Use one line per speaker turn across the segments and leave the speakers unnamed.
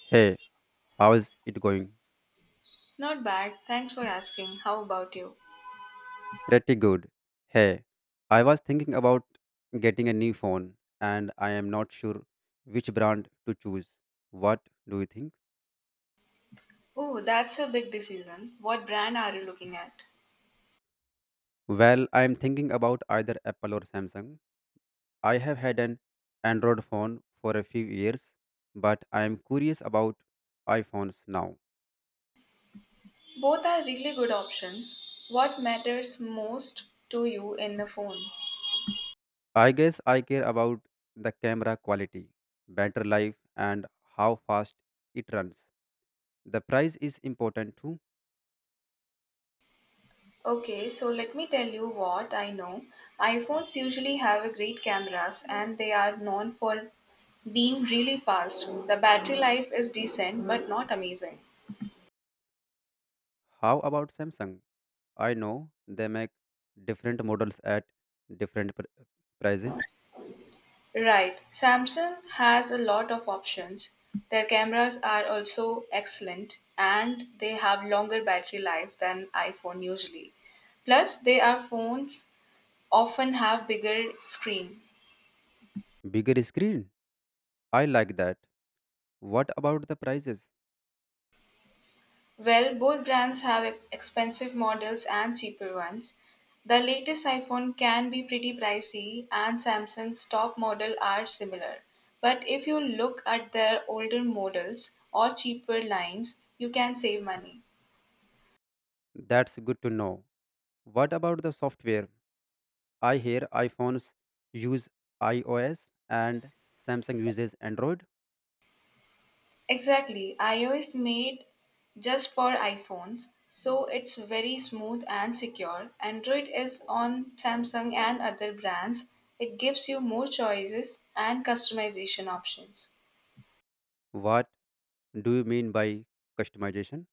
Hey, how's it going?
Not bad. Thanks for asking. How about you?
Pretty good. Hey, I was thinking about getting a new phone and I am not sure which brand to choose. What do you think?
Oh, that's a big decision. What brand are you looking at?
Well, I am thinking about either Apple or Samsung. I have had an Android phone for a few years, but I am curious about iPhones now.
Both are really good options. What matters most to you in the phone?
I guess I care about the camera quality, battery life, and how fast it runs. The price is important too.
Okay, so let me tell you what I know. iPhones usually have a great cameras and they are known for being really fast. The battery life is decent but not amazing.
How about Samsung? I know they make different models at different pr- prices.
Right. Samsung has a lot of options. Their cameras are also excellent and they have longer battery life than iPhone usually. Plus, they are phones often have bigger screen.
Bigger screen. I like that. What about the prices?
Well, both brands have expensive models and cheaper ones. The latest iPhone can be pretty pricey and Samsung's top model are similar. But if you look at their older models or cheaper lines, you can save money.
That's good to know. What about the software? I hear iPhones use iOS and Samsung uses Android.
Exactly. iOS made just for iPhones, so it's very smooth and secure. Android is on Samsung and other brands. It gives you more choices and customization options.
What do you mean by customization?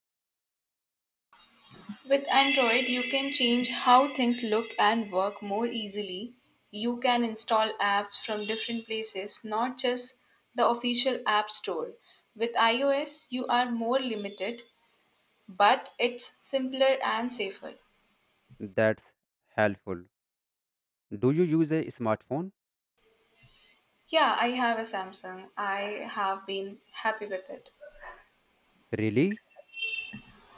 With Android, you can change how things look and work more easily. You can install apps from different places, not just the official app store. With iOS, you are more limited, but it's simpler and safer.
That's helpful. Do you use a smartphone?
Yeah, I have a Samsung. I have been happy with it.
Really?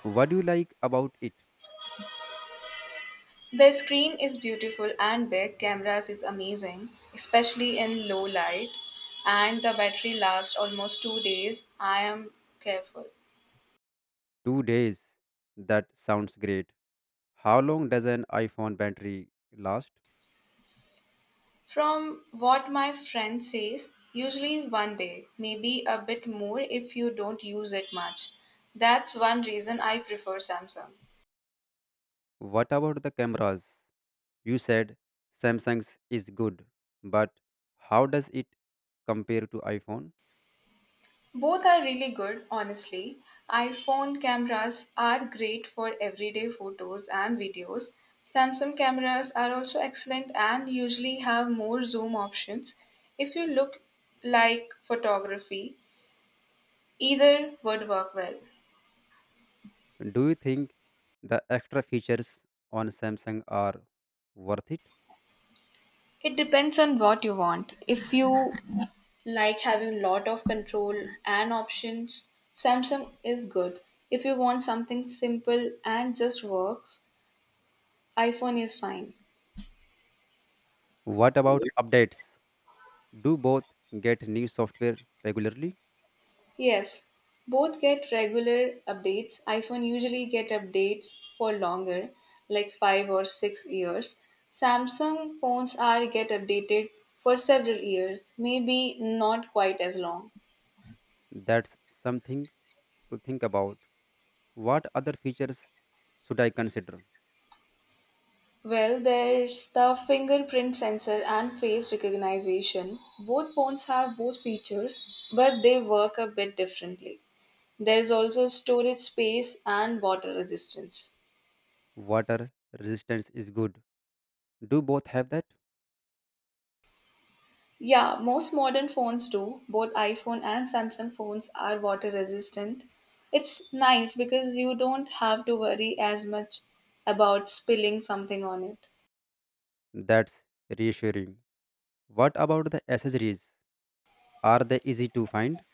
What do you like about it?
The screen is beautiful and big, cameras is amazing, especially in low light, and the battery lasts almost 2 days. I am careful.
2 days. That sounds great. How long does an iPhone battery last?
From what my friend says, usually one day, maybe a bit more if you don't use it much. That's one reason I prefer Samsung.
What about the cameras? You said Samsung's is good, but how does it compare to iPhone?
Both are really good, honestly. iPhone cameras are great for everyday photos and videos. Samsung cameras are also excellent and usually have more zoom options. If you look like photography, either would work well.
Do you think the extra features on Samsung are worth it?
It depends on what you want. If you like having lot of control and options, Samsung is good. If you want something simple and just works, iPhone is fine.
What about updates? Do both get new software regularly?
Yes, both get regular updates. iPhone usually get updates for longer, like 5 or 6 years. Samsung phones are get updated for several years, maybe not quite as long.
That's something to think about. What other features should I consider?
Well, there's the fingerprint sensor and face recognition. Both phones have both features, but they work a bit differently. There's also storage space and water resistance.
Water resistance is good. Do both have that?
Yeah, most modern phones do. Both iPhone and Samsung phones are water resistant. It's nice because you don't have to worry as much about spilling something on it.
That's reassuring. What about the accessories? Are they easy to find?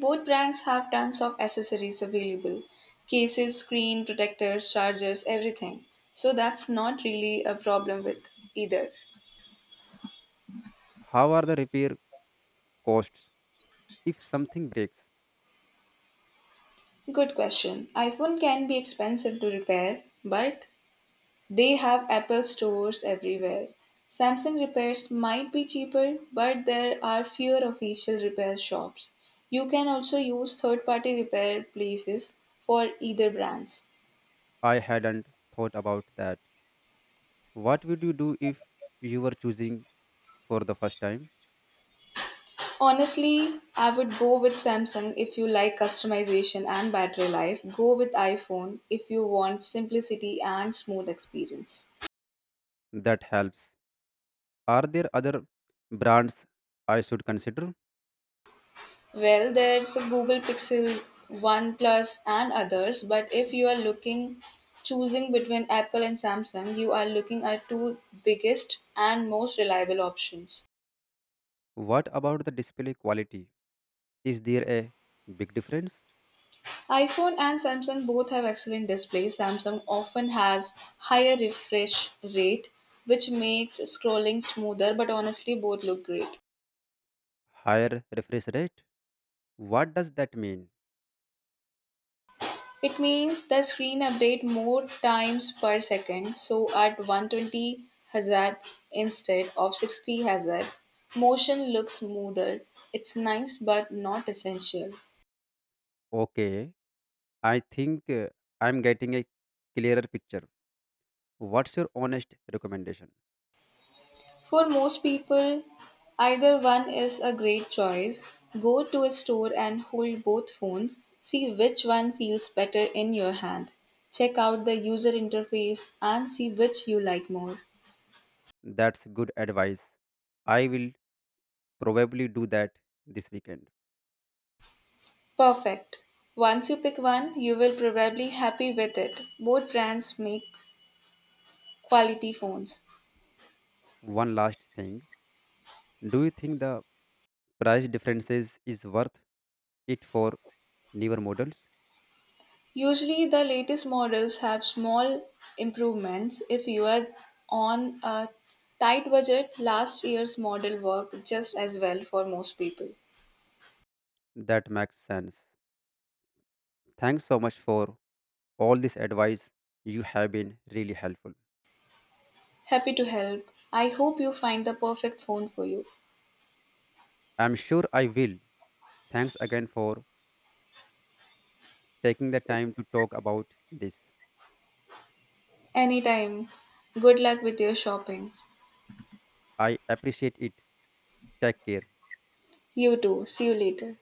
Both brands have tons of accessories available, cases, screen, protectors, chargers, everything. So that's not really a problem with either.
How are the repair costs if something breaks?
Good question. iPhone can be expensive to repair, but they have Apple stores everywhere. Samsung repairs might be cheaper, but there are fewer official repair shops. You can also use third party repair places for either brands.
I hadn't thought about that. What would you do if you were choosing for the first time?
Honestly, I would go with Samsung if you like customization and battery life. Go with iPhone if you want simplicity and smooth experience.
That helps. Are there other brands I should consider?
Well, there's a Google Pixel, OnePlus, and others, but if you are looking choosing between Apple and Samsung, you are looking at two biggest and most reliable options.
What about the display quality? Is there a big difference?
iPhone and Samsung both have excellent displays. Samsung often has higher refresh rate, which makes scrolling smoother, but honestly both look great.
Higher refresh rate? What does that mean?
It means the screen update more times per second, so at 120 Hz instead of 60 Hz, motion looks smoother. It's nice but not essential.
Okay, I think I'm getting a clearer picture. What's your honest recommendation?
For most people, either one is a great choice. Go to a store and hold both phones, see which one feels better in your hand. Check out the user interface and see which you like more.
That's good advice. I will probably do that this weekend.
Perfect. Once you pick one, you will probably happy with it. Both brands make quality phones.
One last thing. Do you think the price differences is worth it for newer models?
Usually the latest models have small improvements. If you are on a tight budget, last year's model work just as well for most people.
That makes sense. Thanks so much for all this advice. You have been really helpful.
Happy to help. I hope you find the perfect phone for you.
I'm sure I will. Thanks again for taking the time to talk about this.
Anytime. Good luck with your shopping.
I appreciate it. Take care.
You too. See you later.